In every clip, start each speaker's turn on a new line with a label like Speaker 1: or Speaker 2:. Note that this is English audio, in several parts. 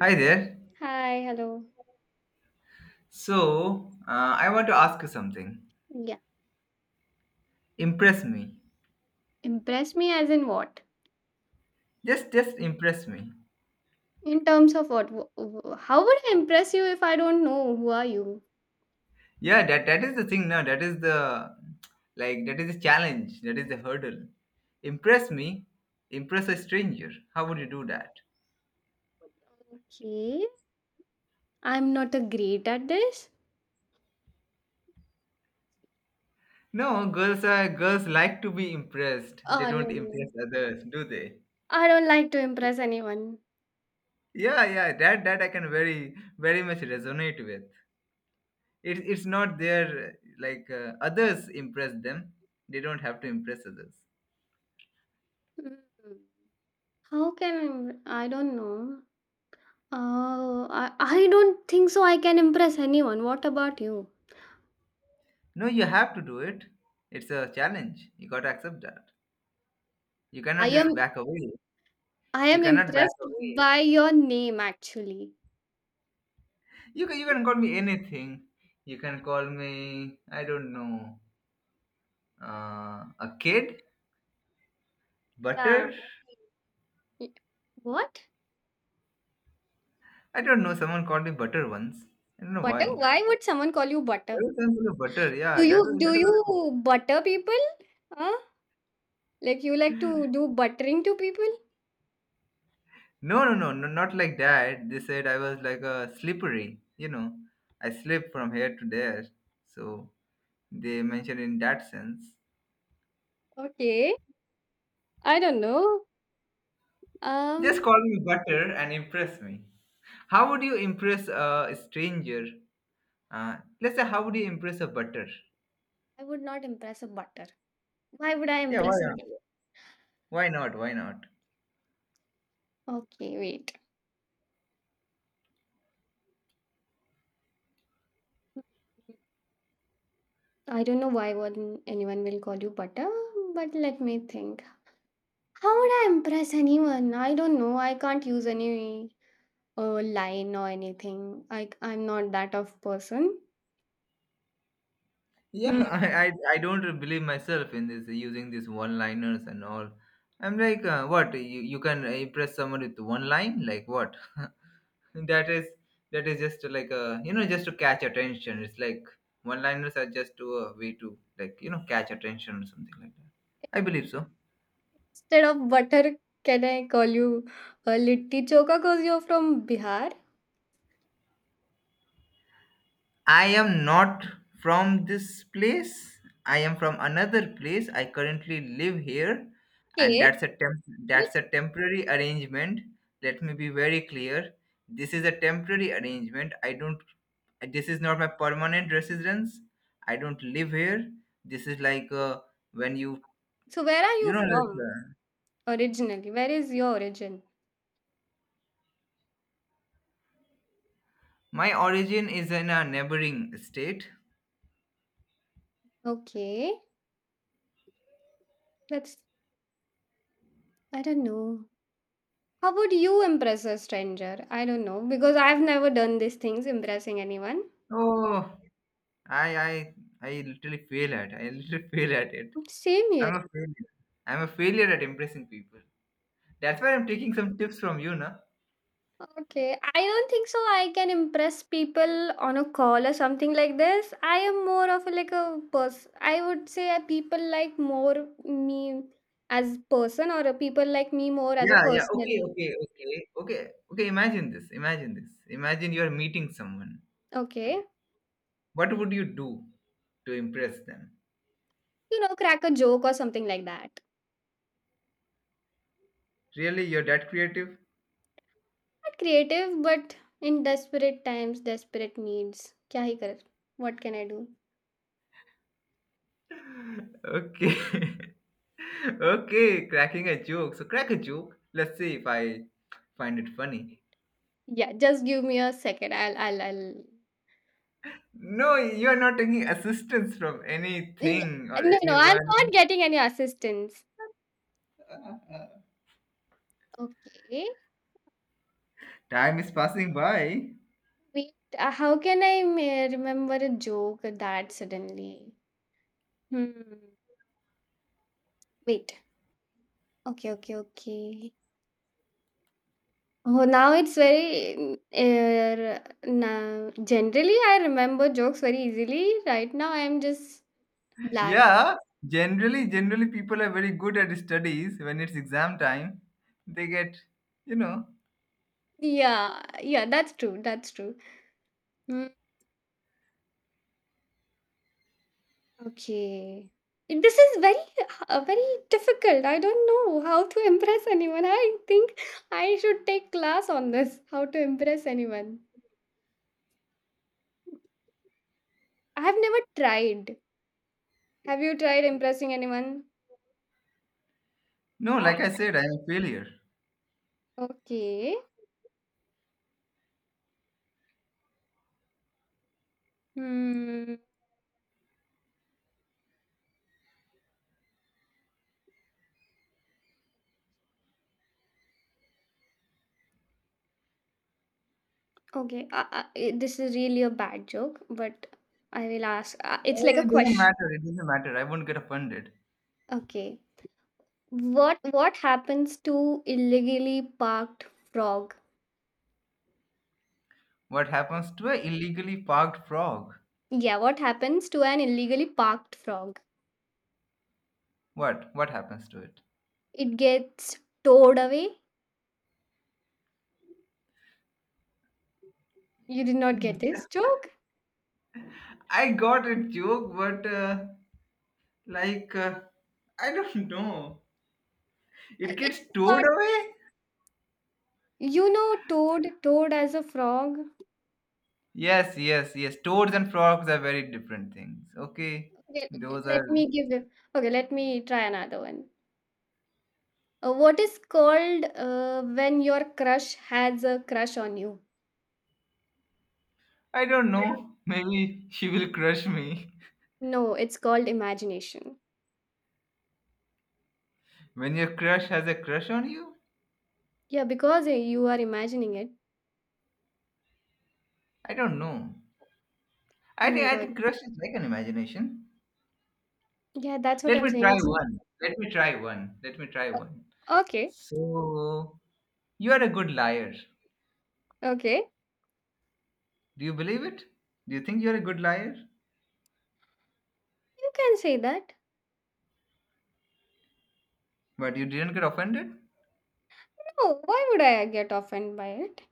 Speaker 1: Hi there.
Speaker 2: Hi, hello.
Speaker 1: So, I want to ask you something.
Speaker 2: Yeah,
Speaker 1: Impress me.
Speaker 2: impress me as in what?
Speaker 1: Just impress me.
Speaker 2: In terms of what? How would I impress you if I don't know who are you?
Speaker 1: Yeah, that is the thing now. That is the challenge. That is the hurdle. Impress me. Impress a stranger. How would you do that?
Speaker 2: Okay, I'm not a great at this.
Speaker 1: No, girls are girls like to be impressed. They
Speaker 2: Oh no,
Speaker 1: don't impress
Speaker 2: no.
Speaker 1: others, do they?
Speaker 2: I don't like to impress anyone.
Speaker 1: Yeah, yeah. That I can very very much resonate with. It's not their like others impress them. They don't have to impress others.
Speaker 2: Hmm. How can I? I don't know. Oh, I don't think so. I can impress anyone. What about you?
Speaker 1: No, you have to do it. It's a challenge. You got to accept that. You
Speaker 2: I
Speaker 1: cannot just
Speaker 2: am
Speaker 1: back away.
Speaker 2: I
Speaker 1: You
Speaker 2: am
Speaker 1: cannot back
Speaker 2: impressed
Speaker 1: away.
Speaker 2: by your name actually.
Speaker 1: You can call me anything. You can call me, I don't know, a kid?
Speaker 2: Yeah.
Speaker 1: Butter?
Speaker 2: Y- What?
Speaker 1: I don't know. Someone called me butter once. I don't know
Speaker 2: Butter?
Speaker 1: why.
Speaker 2: Why would someone call you
Speaker 1: Why
Speaker 2: butter?
Speaker 1: was I called butter? Yeah,
Speaker 2: Do you do
Speaker 1: that was
Speaker 2: you butter people? Huh? Like you like to do buttering to people?
Speaker 1: no, no, no, no, not like that. They said I was like a slippery. I slip from here to there. So they mentioned in that sense.
Speaker 2: Okay. I don't know. Um,
Speaker 1: Just call me butter and impress me. How would you impress a stranger? Let's say, how would you impress a butter?
Speaker 2: I would not impress a butter. Why would I
Speaker 1: Yeah, why
Speaker 2: impress a
Speaker 1: not?
Speaker 2: bu-
Speaker 1: Why not? Why not?
Speaker 2: Okay, wait. I don't know why one anyone will call you butter, but let me think. How would I impress anyone? I don't know. I can't use any line or anything. I'm not that of person.
Speaker 1: Yeah,
Speaker 2: Hmm.
Speaker 1: I don't believe myself in this using these one-liners and all. I'm like, what? You can impress someone with one line? Like what? that is that is just like a you know just to catch attention. It's like one-liners are just to a way to like catch attention or something like that. I believe so.
Speaker 2: Instead of butter, can I call you a litti choka because you're from Bihar?
Speaker 1: I am not from this place. I am from another place. I currently live here, and
Speaker 2: Okay. Wait,
Speaker 1: that's a temporary arrangement. Let me be very clear. This is a temporary arrangement. I don't. This is not my permanent residence. I don't live here. This is like when you
Speaker 2: so where are
Speaker 1: you
Speaker 2: you
Speaker 1: know. Like,
Speaker 2: from originally? Where is your origin?
Speaker 1: my origin is in a neighboring state.
Speaker 2: Okay. That's I don't know. How would you impress a stranger? I don't know because I've never done these things, impressing anyone. Oh.
Speaker 1: Oh, I I I literally fail at. I literally fail at it.
Speaker 2: Same here.
Speaker 1: I'm a failure. I'm a failure at impressing people. That's why I'm taking some tips from you, na?
Speaker 2: Okay, I don't think so. I can impress people on a call or something like this. I am more of a, like a person. I would say people like more me as person, or people like me more as a
Speaker 1: Yeah, yeah. Okay,
Speaker 2: personally.
Speaker 1: okay, okay, okay, okay. Imagine this. Imagine this. Imagine you're meeting someone.
Speaker 2: Okay,
Speaker 1: What would you do to impress them?
Speaker 2: you know, crack a joke or something like that.
Speaker 1: Really, you're that creative?
Speaker 2: Not creative, but in desperate times, desperate needs. Kya hi kar? What can I do?
Speaker 1: Okay. Okay, cracking a joke. So crack a joke. Let's see if I find it funny.
Speaker 2: Yeah, just give me a second. I'll.
Speaker 1: No, you're not taking assistance from
Speaker 2: Yeah,
Speaker 1: anything or
Speaker 2: no, no, I'm not
Speaker 1: anyone.
Speaker 2: getting any assistance. Okay.
Speaker 1: Time is passing by.
Speaker 2: Wait, how can I remember a joke that suddenly? Hmm. Wait. Okay. Oh, now it's very. Now, generally, I remember jokes very easily. Right now, I'm just blank.
Speaker 1: Yeah, generally people are very good at studies. When it's exam time, they get, you know,
Speaker 2: Yeah, yeah, that's true. That's true. Hmm. Okay. This is very, very difficult. I don't know how to impress anyone. I think I should take class on this. How to impress anyone? I have never tried. Have you tried impressing anyone?
Speaker 1: no,
Speaker 2: No.
Speaker 1: like I said, I'm a failure.
Speaker 2: Okay. Hmm. Okay. This is really a bad joke, but I will ask. It's like a
Speaker 1: It doesn't
Speaker 2: question.
Speaker 1: matter. It doesn't matter. I won't get offended.
Speaker 2: Okay. What happens to illegally parked frog?
Speaker 1: What happens to a illegally parked frog?
Speaker 2: Yeah. What happens to an illegally parked frog?
Speaker 1: What? What happens to it?
Speaker 2: It gets towed away. You did not get
Speaker 1: Mm.
Speaker 2: this joke.
Speaker 1: I got a joke, but like, I don't know. It gets
Speaker 2: It's
Speaker 1: towed
Speaker 2: not.
Speaker 1: away.
Speaker 2: You know, toad. Toad as a frog.
Speaker 1: Yes, yes, yes. Toads and frogs are very different things. Okay,
Speaker 2: Okay,
Speaker 1: those are.
Speaker 2: let me give them. Okay, let me try another one. What is called when your crush has a crush on you?
Speaker 1: I don't know. Maybe she will crush me.
Speaker 2: No, it's called imagination.
Speaker 1: When your crush has a crush on you?
Speaker 2: Yeah, because you are imagining it.
Speaker 1: I don't know. I
Speaker 2: Oh
Speaker 1: think
Speaker 2: my
Speaker 1: I
Speaker 2: god.
Speaker 1: think crush is like an imagination.
Speaker 2: Yeah, that's what
Speaker 1: Let
Speaker 2: I'm
Speaker 1: me
Speaker 2: saying.
Speaker 1: try
Speaker 2: It's
Speaker 1: one. Let me try one. Let me try
Speaker 2: uh,
Speaker 1: one.
Speaker 2: okay.
Speaker 1: So you are a good liar.
Speaker 2: Okay,
Speaker 1: Do you believe it? Do you think you are a good liar?
Speaker 2: you can say that.
Speaker 1: But you didn't get offended?
Speaker 2: No, why would I get offended by it?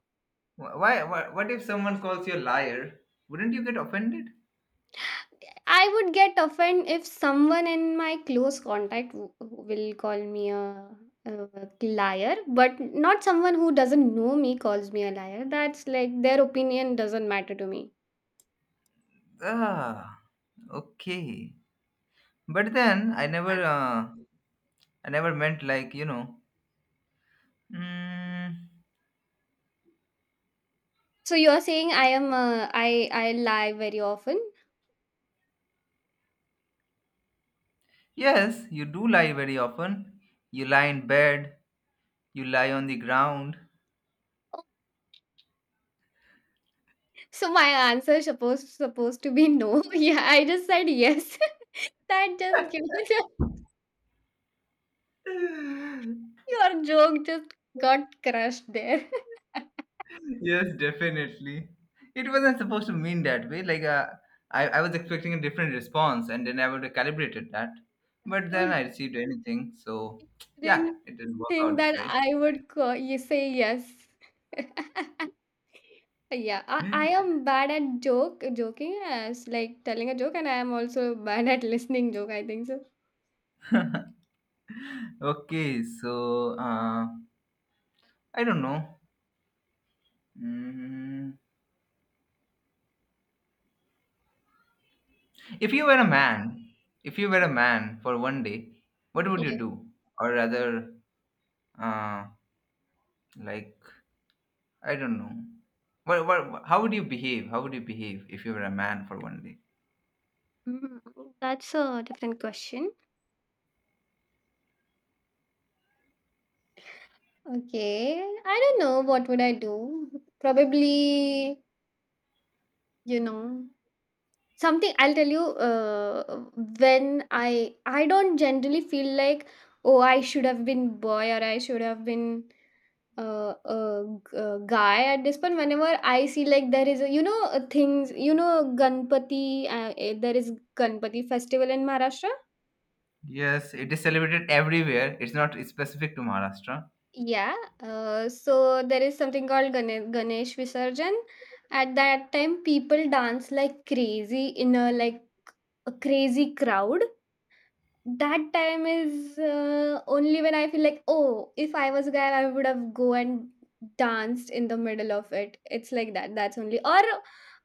Speaker 1: Why, what if someone calls you a liar? Wouldn't you get offended?
Speaker 2: I would get offended if someone in my close contact will call me a liar, but not someone who doesn't know me calls me a liar. That's like their opinion doesn't matter to me.
Speaker 1: Ah, okay. But then I never meant like, Mm,
Speaker 2: So you're saying I am a, I lie very often.
Speaker 1: yes, you do lie very often. You lie in bed, you lie on the ground.
Speaker 2: So my answer supposed to be no. Yeah, I just said yes. That just gives your joke just got crushed there.
Speaker 1: Yes, definitely. It wasn't supposed to mean that way. Like, I was expecting a different response and then I would have calibrated that. But then I
Speaker 2: You
Speaker 1: received anything. So, yeah,
Speaker 2: didn't
Speaker 1: it didn't work
Speaker 2: think
Speaker 1: out this
Speaker 2: that
Speaker 1: way.
Speaker 2: I would you say yes. Yeah, I am bad at joke joking as like telling a joke, and I am also bad at listening joke. I think so.
Speaker 1: Okay, so I don't know. Mm, If you were a man, if you were a man for one day, what would you
Speaker 2: Yeah.
Speaker 1: do? Or rather, uh, like I don't know. How would you behave? How would you behave if you were a man for one day?
Speaker 2: Mm, that's a different question. Okay, I don't know what would I do. Probably, you know, something I'll tell you when I don't generally feel like oh I should have been boy or I should have been guy at this point whenever I see like there is a, you know things you know ganpati there is ganpati festival in Maharashtra.
Speaker 1: Yes, it is celebrated everywhere. It's not specific to Maharashtra.
Speaker 2: Yeah, so there is something called ganesh visarjan. At that time people dance like crazy in a like a crazy crowd. That time is only when I feel like, oh, if I was a guy, I would have go and danced in the middle of it. It's like that. That's only. Or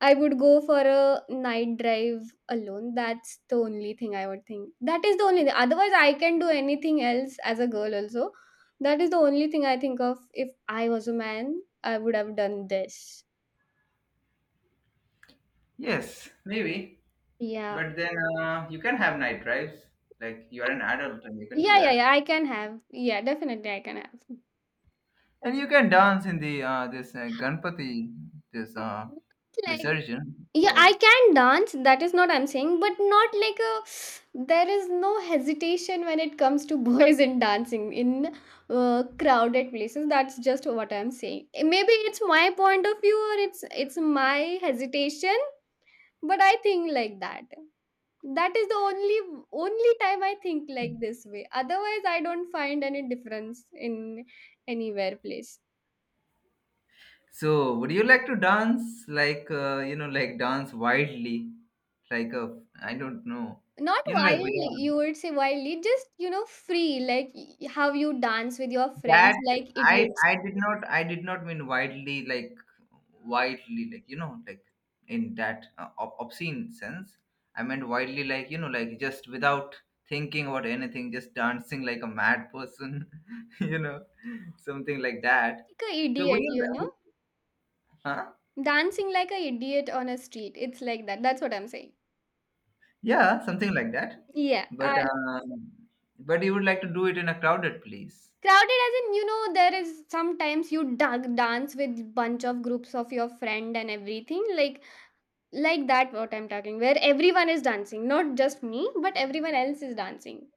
Speaker 2: I would go for a night drive alone. That's the only thing I would think. That is the only thing. Otherwise, I can do anything else as a girl also. That is the only thing I think of. If I was a man, I would have done this.
Speaker 1: Yes, maybe.
Speaker 2: Yeah.
Speaker 1: But then you can have night drives. Like you are an adult and you can do
Speaker 2: Yeah, yeah,
Speaker 1: that.
Speaker 2: yeah. I can have. Yeah, definitely I can have.
Speaker 1: And you can dance in the this Ganpati, this
Speaker 2: Like
Speaker 1: Visarjan, of
Speaker 2: yeah I
Speaker 1: course.
Speaker 2: can dance that is not I'm saying but not like a there is no hesitation when it comes to boys in dancing in crowded places, that's just what I'm saying. Eh, maybe it's my point of view or it's my hesitation but I think like that, that is the only time I think like this way, otherwise I don't find any difference in anywhere place.
Speaker 1: So, would you like to dance like like dance wildly, like a I don't know,
Speaker 2: Not
Speaker 1: you know, like we
Speaker 2: wildly you would say wildly just you know free like how you dance with your
Speaker 1: that
Speaker 2: friends like idiots,
Speaker 1: I did not mean widely like you know like in that obscene sense. I meant widely like like just without thinking about anything, just dancing like a mad person, you know, something like that.
Speaker 2: like a
Speaker 1: So, would
Speaker 2: idiot
Speaker 1: you?
Speaker 2: you
Speaker 1: Would,
Speaker 2: know,
Speaker 1: huh?
Speaker 2: dancing like a idiot on a street. It's like that, that's what I'm saying.
Speaker 1: Yeah, something like that.
Speaker 2: Yeah,
Speaker 1: But um, but you would like to do it in a crowded place.
Speaker 2: crowded as in you know there is sometimes you dug dance with bunch of groups of your friend and everything like that what I'm talking, where everyone is dancing, not just me, but everyone else is dancing.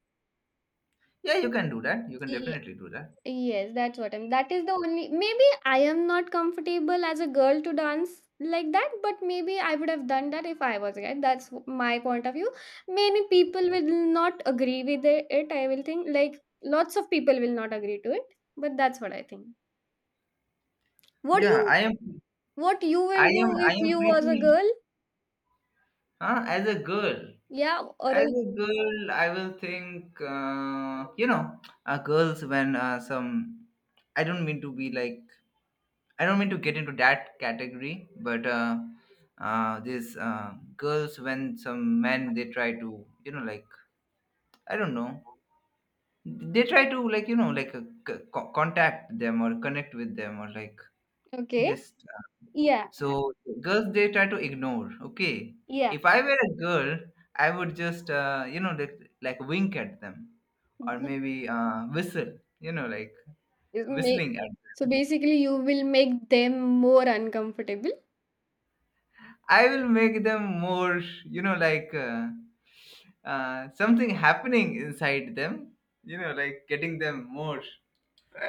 Speaker 1: Yeah, you can do that. You can definitely do that.
Speaker 2: Yes, that's what I'm that is the only, maybe I am not comfortable as a girl to dance like that, but maybe I would have done that if I was a guy. That's my point of view. Many people will not agree with it, I will think. Like lots of people will not agree to it, but that's what I think. What
Speaker 1: Yeah,
Speaker 2: you what you will do
Speaker 1: I
Speaker 2: if
Speaker 1: am
Speaker 2: you was a
Speaker 1: pretty
Speaker 2: girl?
Speaker 1: huh? As a girl.
Speaker 2: Yeah, or
Speaker 1: As
Speaker 2: a,
Speaker 1: a girl, I will think you know, girls when some I don't mean to be like I don't mean to get into that category, but these girls when some men they try to like I don't know. They try to like like contact them or connect with them or like
Speaker 2: okay.
Speaker 1: just
Speaker 2: Yeah.
Speaker 1: so girls they try to ignore. Okay,
Speaker 2: Yeah.
Speaker 1: if I were a girl, I would just you know like wink at them or
Speaker 2: Mhm.
Speaker 1: maybe whistle. You know like
Speaker 2: Is make-
Speaker 1: whistling at
Speaker 2: So
Speaker 1: them.
Speaker 2: basically you will make them more uncomfortable.
Speaker 1: I will make them more you know like. Something happening inside them, you know, like getting them more.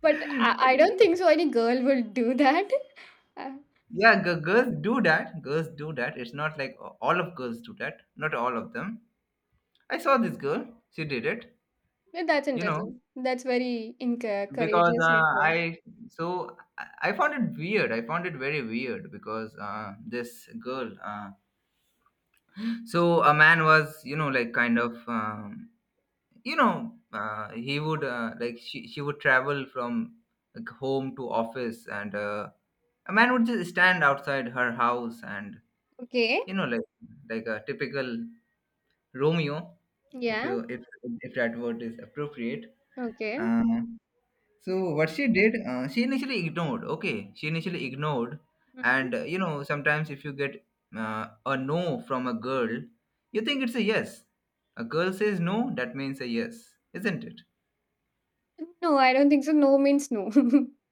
Speaker 2: But I don't
Speaker 1: think.
Speaker 2: think so any girl will do that. Uh,
Speaker 1: Yeah, girls do that. Girls do that. It's not like all of girls do that. Not all of them. I saw this girl. She did it.
Speaker 2: yeah, that's
Speaker 1: You know,
Speaker 2: interesting. That's very
Speaker 1: because
Speaker 2: courageous of her.
Speaker 1: I found it weird. I found it very weird because this girl. So a man was, you know, like kind of, you know, he would like she would travel from like home to office, and a man would just stand outside her house and
Speaker 2: Okay.
Speaker 1: you know like a typical Romeo, if
Speaker 2: Yeah.
Speaker 1: you if that word is appropriate.
Speaker 2: Okay.
Speaker 1: Uh, so what she did, she initially ignored. Okay, she initially ignored,
Speaker 2: Mhm.
Speaker 1: and you know sometimes if you get a no from a girl, you think it's a yes. A girl says no, that means a yes, isn't it?
Speaker 2: No, I don't think so. No means no.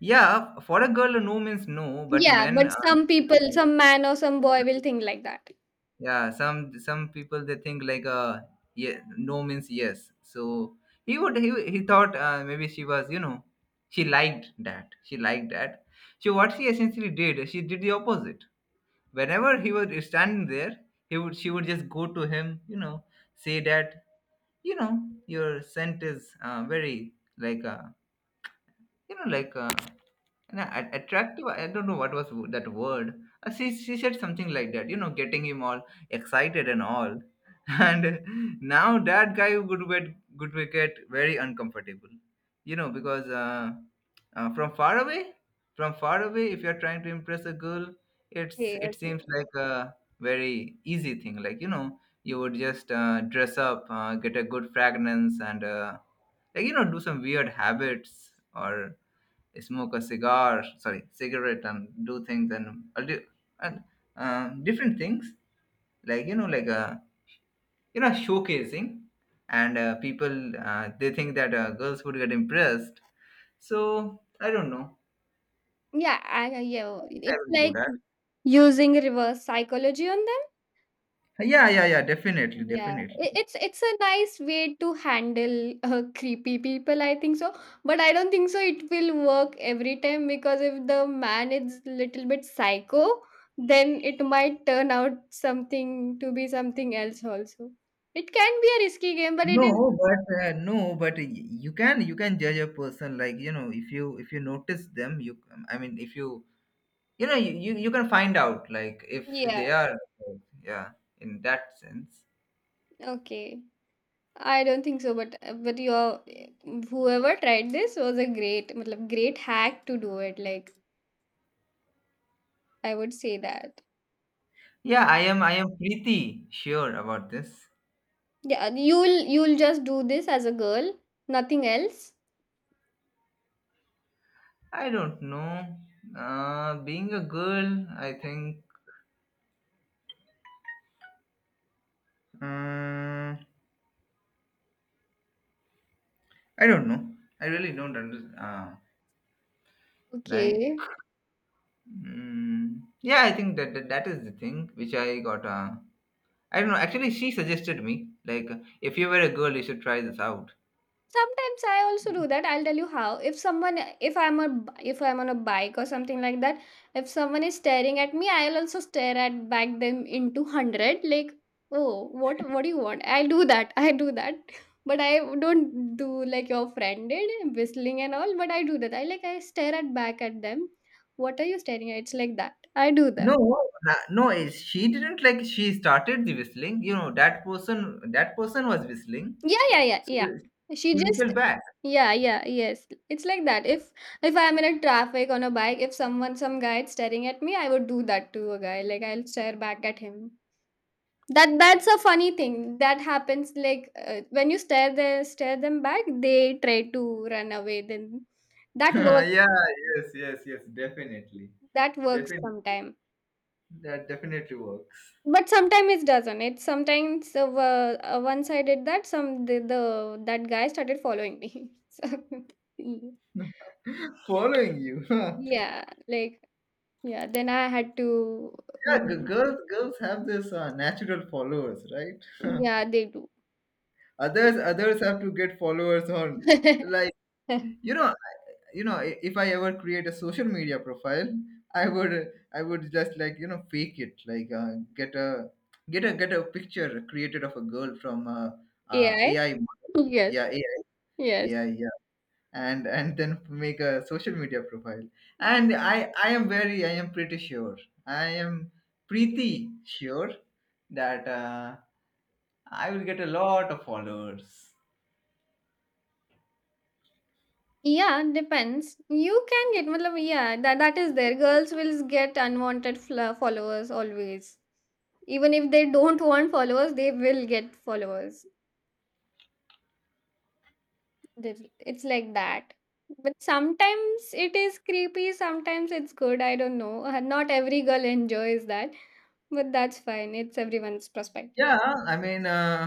Speaker 1: Yeah, for a girl, a no means no, but
Speaker 2: Yeah,
Speaker 1: men.
Speaker 2: but some people, some man or some boy will think like that.
Speaker 1: Yeah, some people they think like yeah, no means yes. So he thought maybe she was you know she liked that. So what she essentially did, she did the opposite. Whenever he was standing there, he would she would just go to him, you know, say that you know your scent is very like you know like and attractive, I don't know what was that word. She said something like that, you know, getting him all excited and all. And now that guy would get very uncomfortable, you know, because uh, from far away, from far away, if you're trying to impress a girl,
Speaker 2: Okay,
Speaker 1: it
Speaker 2: okay.
Speaker 1: seems like a very easy thing. Like, you know, you would just dress up, get a good fragrance, and like, you know, do some weird habits or smoke a cigar sorry cigarette and do things and I'll do and different things like you know showcasing and people they think that girls would get impressed, so I don't know.
Speaker 2: Yeah, yeah.
Speaker 1: I think I
Speaker 2: It's
Speaker 1: will do
Speaker 2: like
Speaker 1: that.
Speaker 2: using reverse psychology on them.
Speaker 1: Yeah, yeah, yeah, definitely,
Speaker 2: Yeah,
Speaker 1: definitely.
Speaker 2: it's a nice way to handle creepy people, I think so. But I don't think so it will work every time because if the man is little bit psycho, then it might turn out something to be something else also. It can be a risky game, but it is
Speaker 1: No, but no, but you can judge a person, like you know, if you notice them, you I mean if you you know you, you you can find out like if
Speaker 2: yeah,
Speaker 1: they are yeah in that sense.
Speaker 2: okay. I don't think so, but your whoever tried this was a great, matlab, great hack to do it. Like I would say that.
Speaker 1: Yeah, I am I am pretty sure about this.
Speaker 2: Yeah, you'll just do this as a girl, nothing else?
Speaker 1: I don't know. Being a girl, I think, um, I don't know. I really don't understand like
Speaker 2: Okay.
Speaker 1: mm, yeah I think that, that that is the thing which I got I don't know, actually she suggested me like, if you were a girl you should try this out.
Speaker 2: Sometimes I also do that. I'll tell you how. If someone if I'm a if I'm on a bike or something like that, if someone is staring at me, I'll also stare at back them into 100 like, "Oh, what do you want?" I do that. I do that. But I don't do like your friend did, whistling and all, but I do that. I like I stare at back at them. What are you staring at? It's like that. I do
Speaker 1: No,
Speaker 2: that.
Speaker 1: no, she didn't like she started the whistling. You know, that person was whistling.
Speaker 2: Yeah, yeah, yeah,
Speaker 1: So
Speaker 2: yeah. She
Speaker 1: she
Speaker 2: just
Speaker 1: whistled back.
Speaker 2: yeah, yeah, yes. It's like that. If I'm in a traffic on a bike, if someone some guy is staring at me, I would do that to a guy. Like I'll stare back at him. That's a funny thing that happens. Like when you stare the stare them back, they try to run away. Then that
Speaker 1: Yeah,
Speaker 2: works.
Speaker 1: yes, yes, yes, definitely.
Speaker 2: That works
Speaker 1: Definitely
Speaker 2: sometime.
Speaker 1: that definitely works.
Speaker 2: But sometimes it doesn't. It sometimes once I did that, some the that guy started following me. So, yeah.
Speaker 1: Following you.
Speaker 2: Yeah, like yeah, then I had to
Speaker 1: Yeah,
Speaker 2: mm,
Speaker 1: girls girls have this natural followers, right?
Speaker 2: yeah, they do.
Speaker 1: Others have to get followers on like you know if I ever create a social media profile, i would I would just like fake it like get a get a picture created of a girl from
Speaker 2: AI?
Speaker 1: AI model.
Speaker 2: Yes,
Speaker 1: Yeah, AI,
Speaker 2: yes.
Speaker 1: AI, yeah. And then make a social media profile, and I am pretty sure I am pretty sure that I will get a lot of followers.
Speaker 2: Yeah, depends. You can get, matlab, yeah, that is there. Girls will get unwanted fla followers always. Even if they don't want followers, they will get followers. There- It's like that. But sometimes it is creepy, sometimes it's good. I don't know. Not every girl enjoys that. But that's fine. It's everyone's perspective.
Speaker 1: Yeah, i mean uh,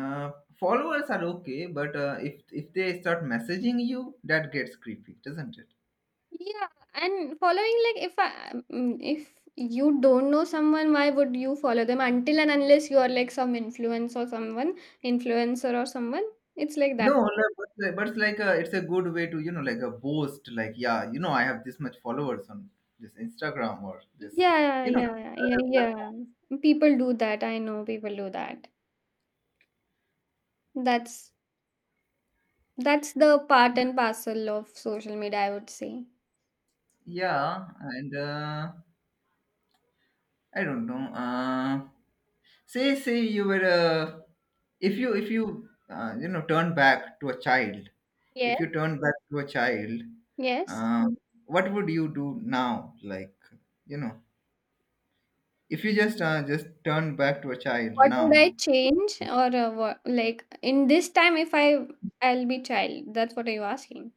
Speaker 1: Uh, followers are okay, but if they start messaging you, that gets creepy, doesn't it?
Speaker 2: Yeah, and following like if I mm, if you don't know someone, why would you follow them until and unless you are like some influencer or someone? It's like
Speaker 1: No,
Speaker 2: that.
Speaker 1: like- but it's like a, it's a good way to like a boast, like, yeah, you know, I have this much followers on this Instagram or this
Speaker 2: Yeah, yeah, yeah,
Speaker 1: other
Speaker 2: yeah,
Speaker 1: platform.
Speaker 2: yeah. People do that. I know people do that. That's that's the part and parcel of social media. I would say.
Speaker 1: Yeah, and I don't know. Say you were a, if you you know turn back to a child, if
Speaker 2: Yes.
Speaker 1: you turn back to a child,
Speaker 2: Yes.
Speaker 1: um, what would you do now? Like, you know, if you just turn back to a child
Speaker 2: What would
Speaker 1: now,
Speaker 2: I change or what, like in this time if I'll be child? That's what are you asking?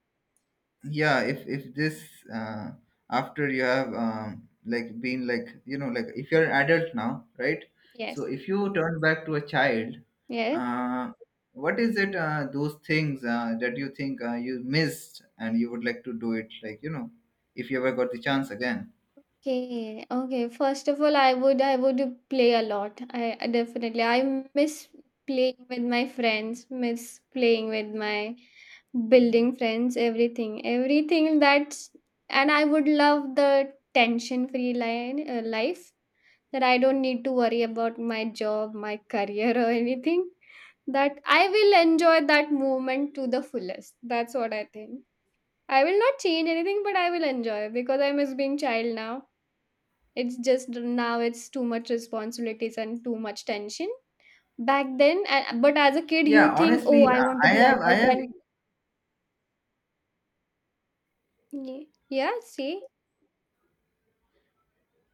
Speaker 1: yeah, if this uh, after you have like been like like if you're an adult now, right, so
Speaker 2: Yes.
Speaker 1: if you turn back to a child,
Speaker 2: Yes.
Speaker 1: uh, what is it those things that you think you missed and you would like to do it like if you ever got the chance again.
Speaker 2: Okay. Okay. First of all, I would play a lot. I definitely I miss playing with my friends, miss playing with my building friends, everything. Everything that's and I would love the tension free line life that I don't need to worry about my job, my career, or anything. That I will enjoy that moment to the fullest. That's what I think. I will not change anything, but I will enjoy because I miss being child now. It's just now it's too much responsibilities and too much tension. Back then, but as a kid,
Speaker 1: Yeah,
Speaker 2: you think, oh,
Speaker 1: honestly,
Speaker 2: I want to
Speaker 1: i
Speaker 2: be
Speaker 1: have i
Speaker 2: adult
Speaker 1: have
Speaker 2: and yeah, see,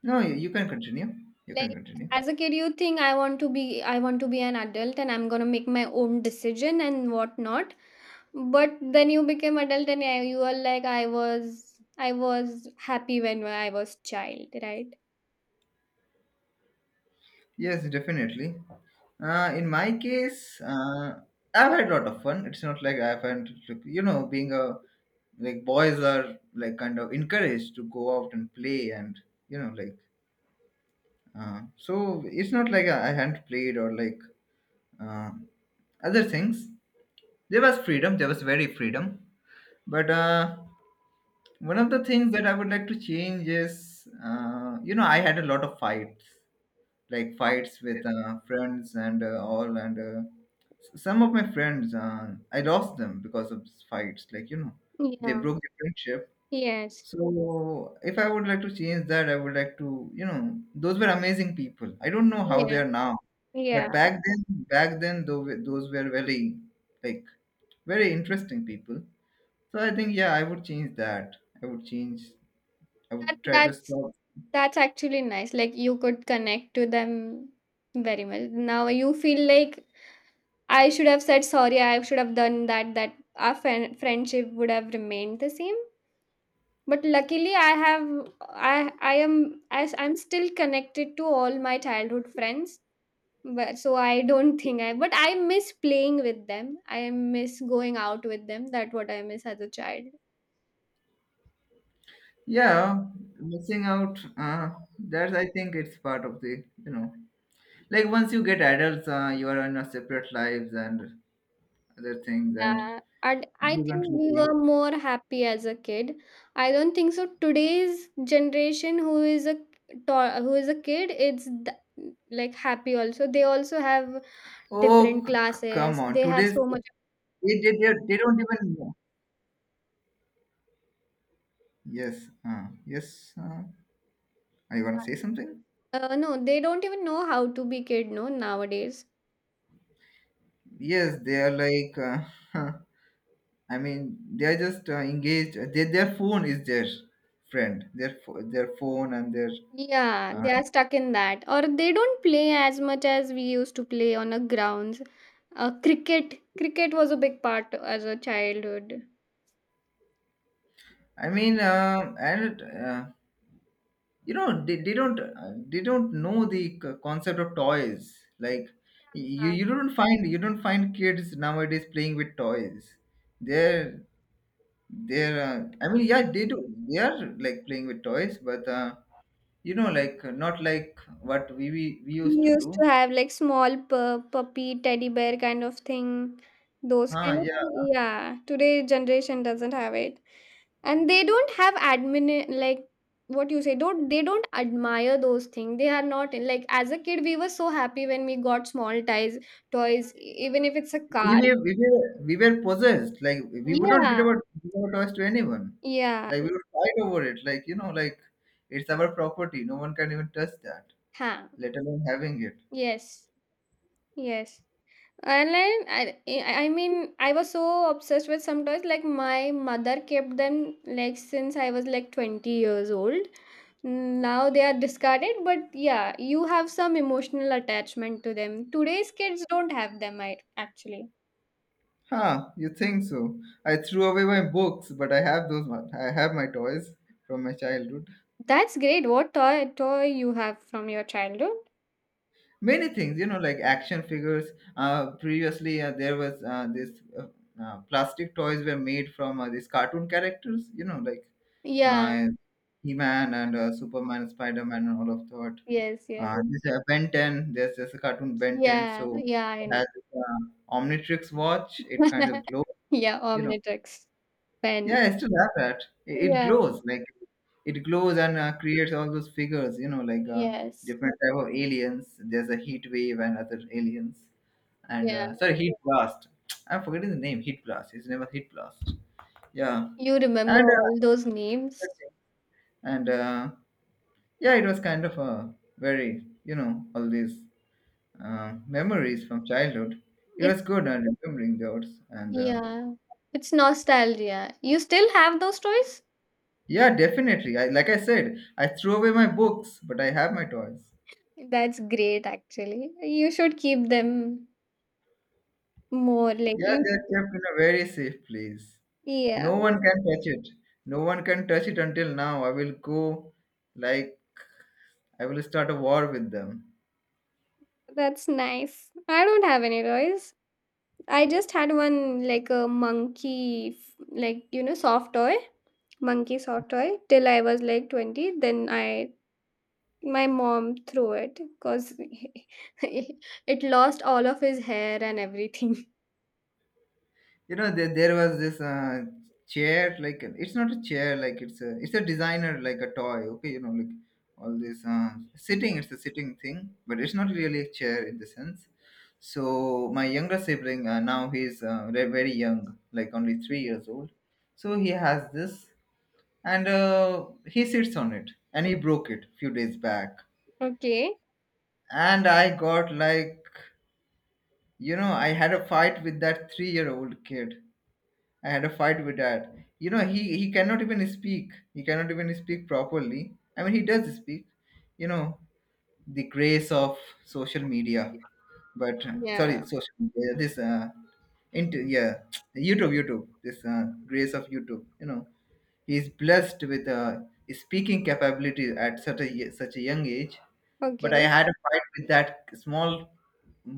Speaker 1: no, you can continue, you can
Speaker 2: like
Speaker 1: continue.
Speaker 2: as a kid, you think I want to be an adult and I'm gonna make my own decision and whatnot. But then you became adult and yeah, you are like I was happy when I was child, right?
Speaker 1: Yes, definitely. In my case, I've had a lot of fun. It's not like I've had, like, you know, being a like boys are like kind of encouraged to go out and play, and you know, like so it's not like I hadn't played or like uh, other things. There was freedom. There was very freedom. But one of the things that I would like to change is, you know, I had a lot of fights, like fights with friends and all, and some of my friends, I lost them because of these fights, like, you know, they
Speaker 2: Yeah.
Speaker 1: broke the friendship.
Speaker 2: Yes.
Speaker 1: So if I would like to change that, I would like to, you know, those were amazing people. I don't know how
Speaker 2: Yeah.
Speaker 1: they are now, but
Speaker 2: Yeah.
Speaker 1: back then, back then those were very like very interesting people. So I think, yeah, I would change that. I would change, I would
Speaker 2: That,
Speaker 1: try to
Speaker 2: that's
Speaker 1: stop.
Speaker 2: that's actually nice. Like you could connect to them very much. Now you feel like I should have said sorry, I should have done that, that our friendship would have remained the same. But luckily I have I am as I'm still connected to all my childhood friends, but so I don't think I but I miss playing with them, I miss going out with them, that what I miss as a child.
Speaker 1: Yeah, missing out. That's, I think, it's part of the, you know, like once you get adults, you are in a separate lives and other things,
Speaker 2: Yeah,
Speaker 1: and
Speaker 2: and I
Speaker 1: you
Speaker 2: think
Speaker 1: don't
Speaker 2: we
Speaker 1: really.
Speaker 2: were more happy as a kid. I don't think so today's generation who is a who is a kid, like happy also, they also have
Speaker 1: Oh,
Speaker 2: different
Speaker 1: come
Speaker 2: classes,
Speaker 1: on!
Speaker 2: they have
Speaker 1: Today's
Speaker 2: so much.
Speaker 1: they don't even know. Yes. Yes. Are you gonna say something?
Speaker 2: No they don't even know how to be kid no nowadays.
Speaker 1: Yes, they are like. Uh, I mean, they are just engaged. They, their phone is their friend. Their their phone and their.
Speaker 2: Yeah,
Speaker 1: Uh,
Speaker 2: they are stuck in that, or they don't play as much as we used to play on a grounds. Cricket was a big part as a childhood.
Speaker 1: I mean, and you know, they don't know the concept of toys, like you
Speaker 2: Uh,
Speaker 1: you don't find, you don't find kids nowadays playing with toys. They're they're I mean, yeah, they do, they are like playing with toys, but you know, like not like what we
Speaker 2: we
Speaker 1: used to
Speaker 2: used
Speaker 1: do.
Speaker 2: to have like small puppy, teddy bear kind of thing. Those
Speaker 1: Ah,
Speaker 2: kind of
Speaker 1: yeah,
Speaker 2: thing. Yeah, today generation doesn't have it, and they don't have admin like what you say. Don't they don't admire those things. They are not like as a kid we were so happy when we got small ties toys, even if it's a
Speaker 1: we
Speaker 2: car.
Speaker 1: were, we were we were possessed. Like we would not give
Speaker 2: Yeah.
Speaker 1: our, give our toys to anyone.
Speaker 2: Yeah.
Speaker 1: Like we would fight over it. Like, you know, like it's our property. No one can even touch that.
Speaker 2: Huh.
Speaker 1: Let alone having it.
Speaker 2: Yes, yes. And then I mean, I was so obsessed with some toys. Like my mother kept them like since I was like 20 years old. Mm, now they are discarded, but yeah, you have some emotional attachment to them. Today's kids don't have them, I actually.
Speaker 1: Huh, you think so? I threw away my books, but I have those one. I have my toys from my childhood.
Speaker 2: That's great. What toy you have from your childhood?
Speaker 1: Many things, you know, like action figures. Previously, there was this plastic toys were made from these cartoon characters, you know, like
Speaker 2: Yeah,
Speaker 1: uh, He-Man and Superman, Spider-Man, and all of that.
Speaker 2: yes, yes.
Speaker 1: This Ben 10, there's a cartoon Ben 10,
Speaker 2: Yeah,
Speaker 1: so
Speaker 2: yeah, I
Speaker 1: it
Speaker 2: know.
Speaker 1: has Omnitrix watch. It kind of glows,
Speaker 2: Yeah,
Speaker 1: you know.
Speaker 2: Omnitrix pen.
Speaker 1: Yeah, I still have that. It
Speaker 2: Yeah,
Speaker 1: glows like it glows and creates all those figures. You know, like
Speaker 2: yes.
Speaker 1: different type of aliens. There's a heat wave and other aliens, and
Speaker 2: Yeah,
Speaker 1: sorry, heat blast. I'm forgetting the name. Heat blast. His name was heat blast. Yeah,
Speaker 2: you remember
Speaker 1: and
Speaker 2: all
Speaker 1: uh,
Speaker 2: those names.
Speaker 1: and yeah, it was kind of a very, you know, all these memories from childhood. It was
Speaker 2: It's
Speaker 1: good and remembering those and.
Speaker 2: yeah, it's nostalgia. You still have those toys?
Speaker 1: Yeah, definitely. I like I said, I threw away my books, but I have my toys.
Speaker 2: That's great, actually. You should keep them more. Like
Speaker 1: Yeah, they're
Speaker 2: you,
Speaker 1: kept in a very safe place.
Speaker 2: yeah,
Speaker 1: No one can touch it. No one can touch it until now. I will go, like, I will start a war with them.
Speaker 2: that's nice. I don't have any toys. I just had one like a monkey, like you know, soft toy, monkey soft toy. Till I was like 20, then I my mom threw it because it lost all of his hair and everything.
Speaker 1: You know, there was this chair, like it's not a chair, like it's a, it's a designer like a toy, okay, you know, like all this sitting, it's a sitting thing, but it's not really a chair in the sense. So my younger sibling, now he's very young, like only 3 years old, so he has this, and he sits on it and he broke it few days back.
Speaker 2: Okay.
Speaker 1: And I got like, you know, I had a fight with that 3 year old kid. I had a fight with that. You know, he cannot even speak. He cannot even speak properly. I mean, he does speak. You know, the grace of social media, but sorry,
Speaker 2: Yeah.
Speaker 1: social media. This into Yeah, YouTube, YouTube. This grace of YouTube. You know, he is blessed with speaking capability at such a such a young age. But I
Speaker 2: Okay.
Speaker 1: had a fight with that small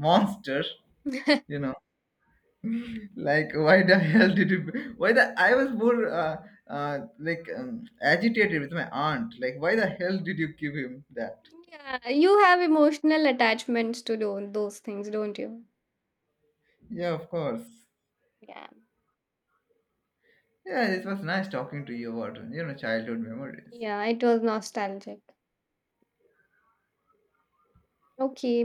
Speaker 1: monster. You know, like, why the hell did you, why the, I was more like agitated with my aunt, like why the hell did you give him that?
Speaker 2: Yeah, you have emotional attachments to those things, don't you?
Speaker 1: Yeah, of course.
Speaker 2: Yeah.
Speaker 1: Yeah, it was nice talking to you about, you know, childhood memories.
Speaker 2: Yeah, it was nostalgic. Okay,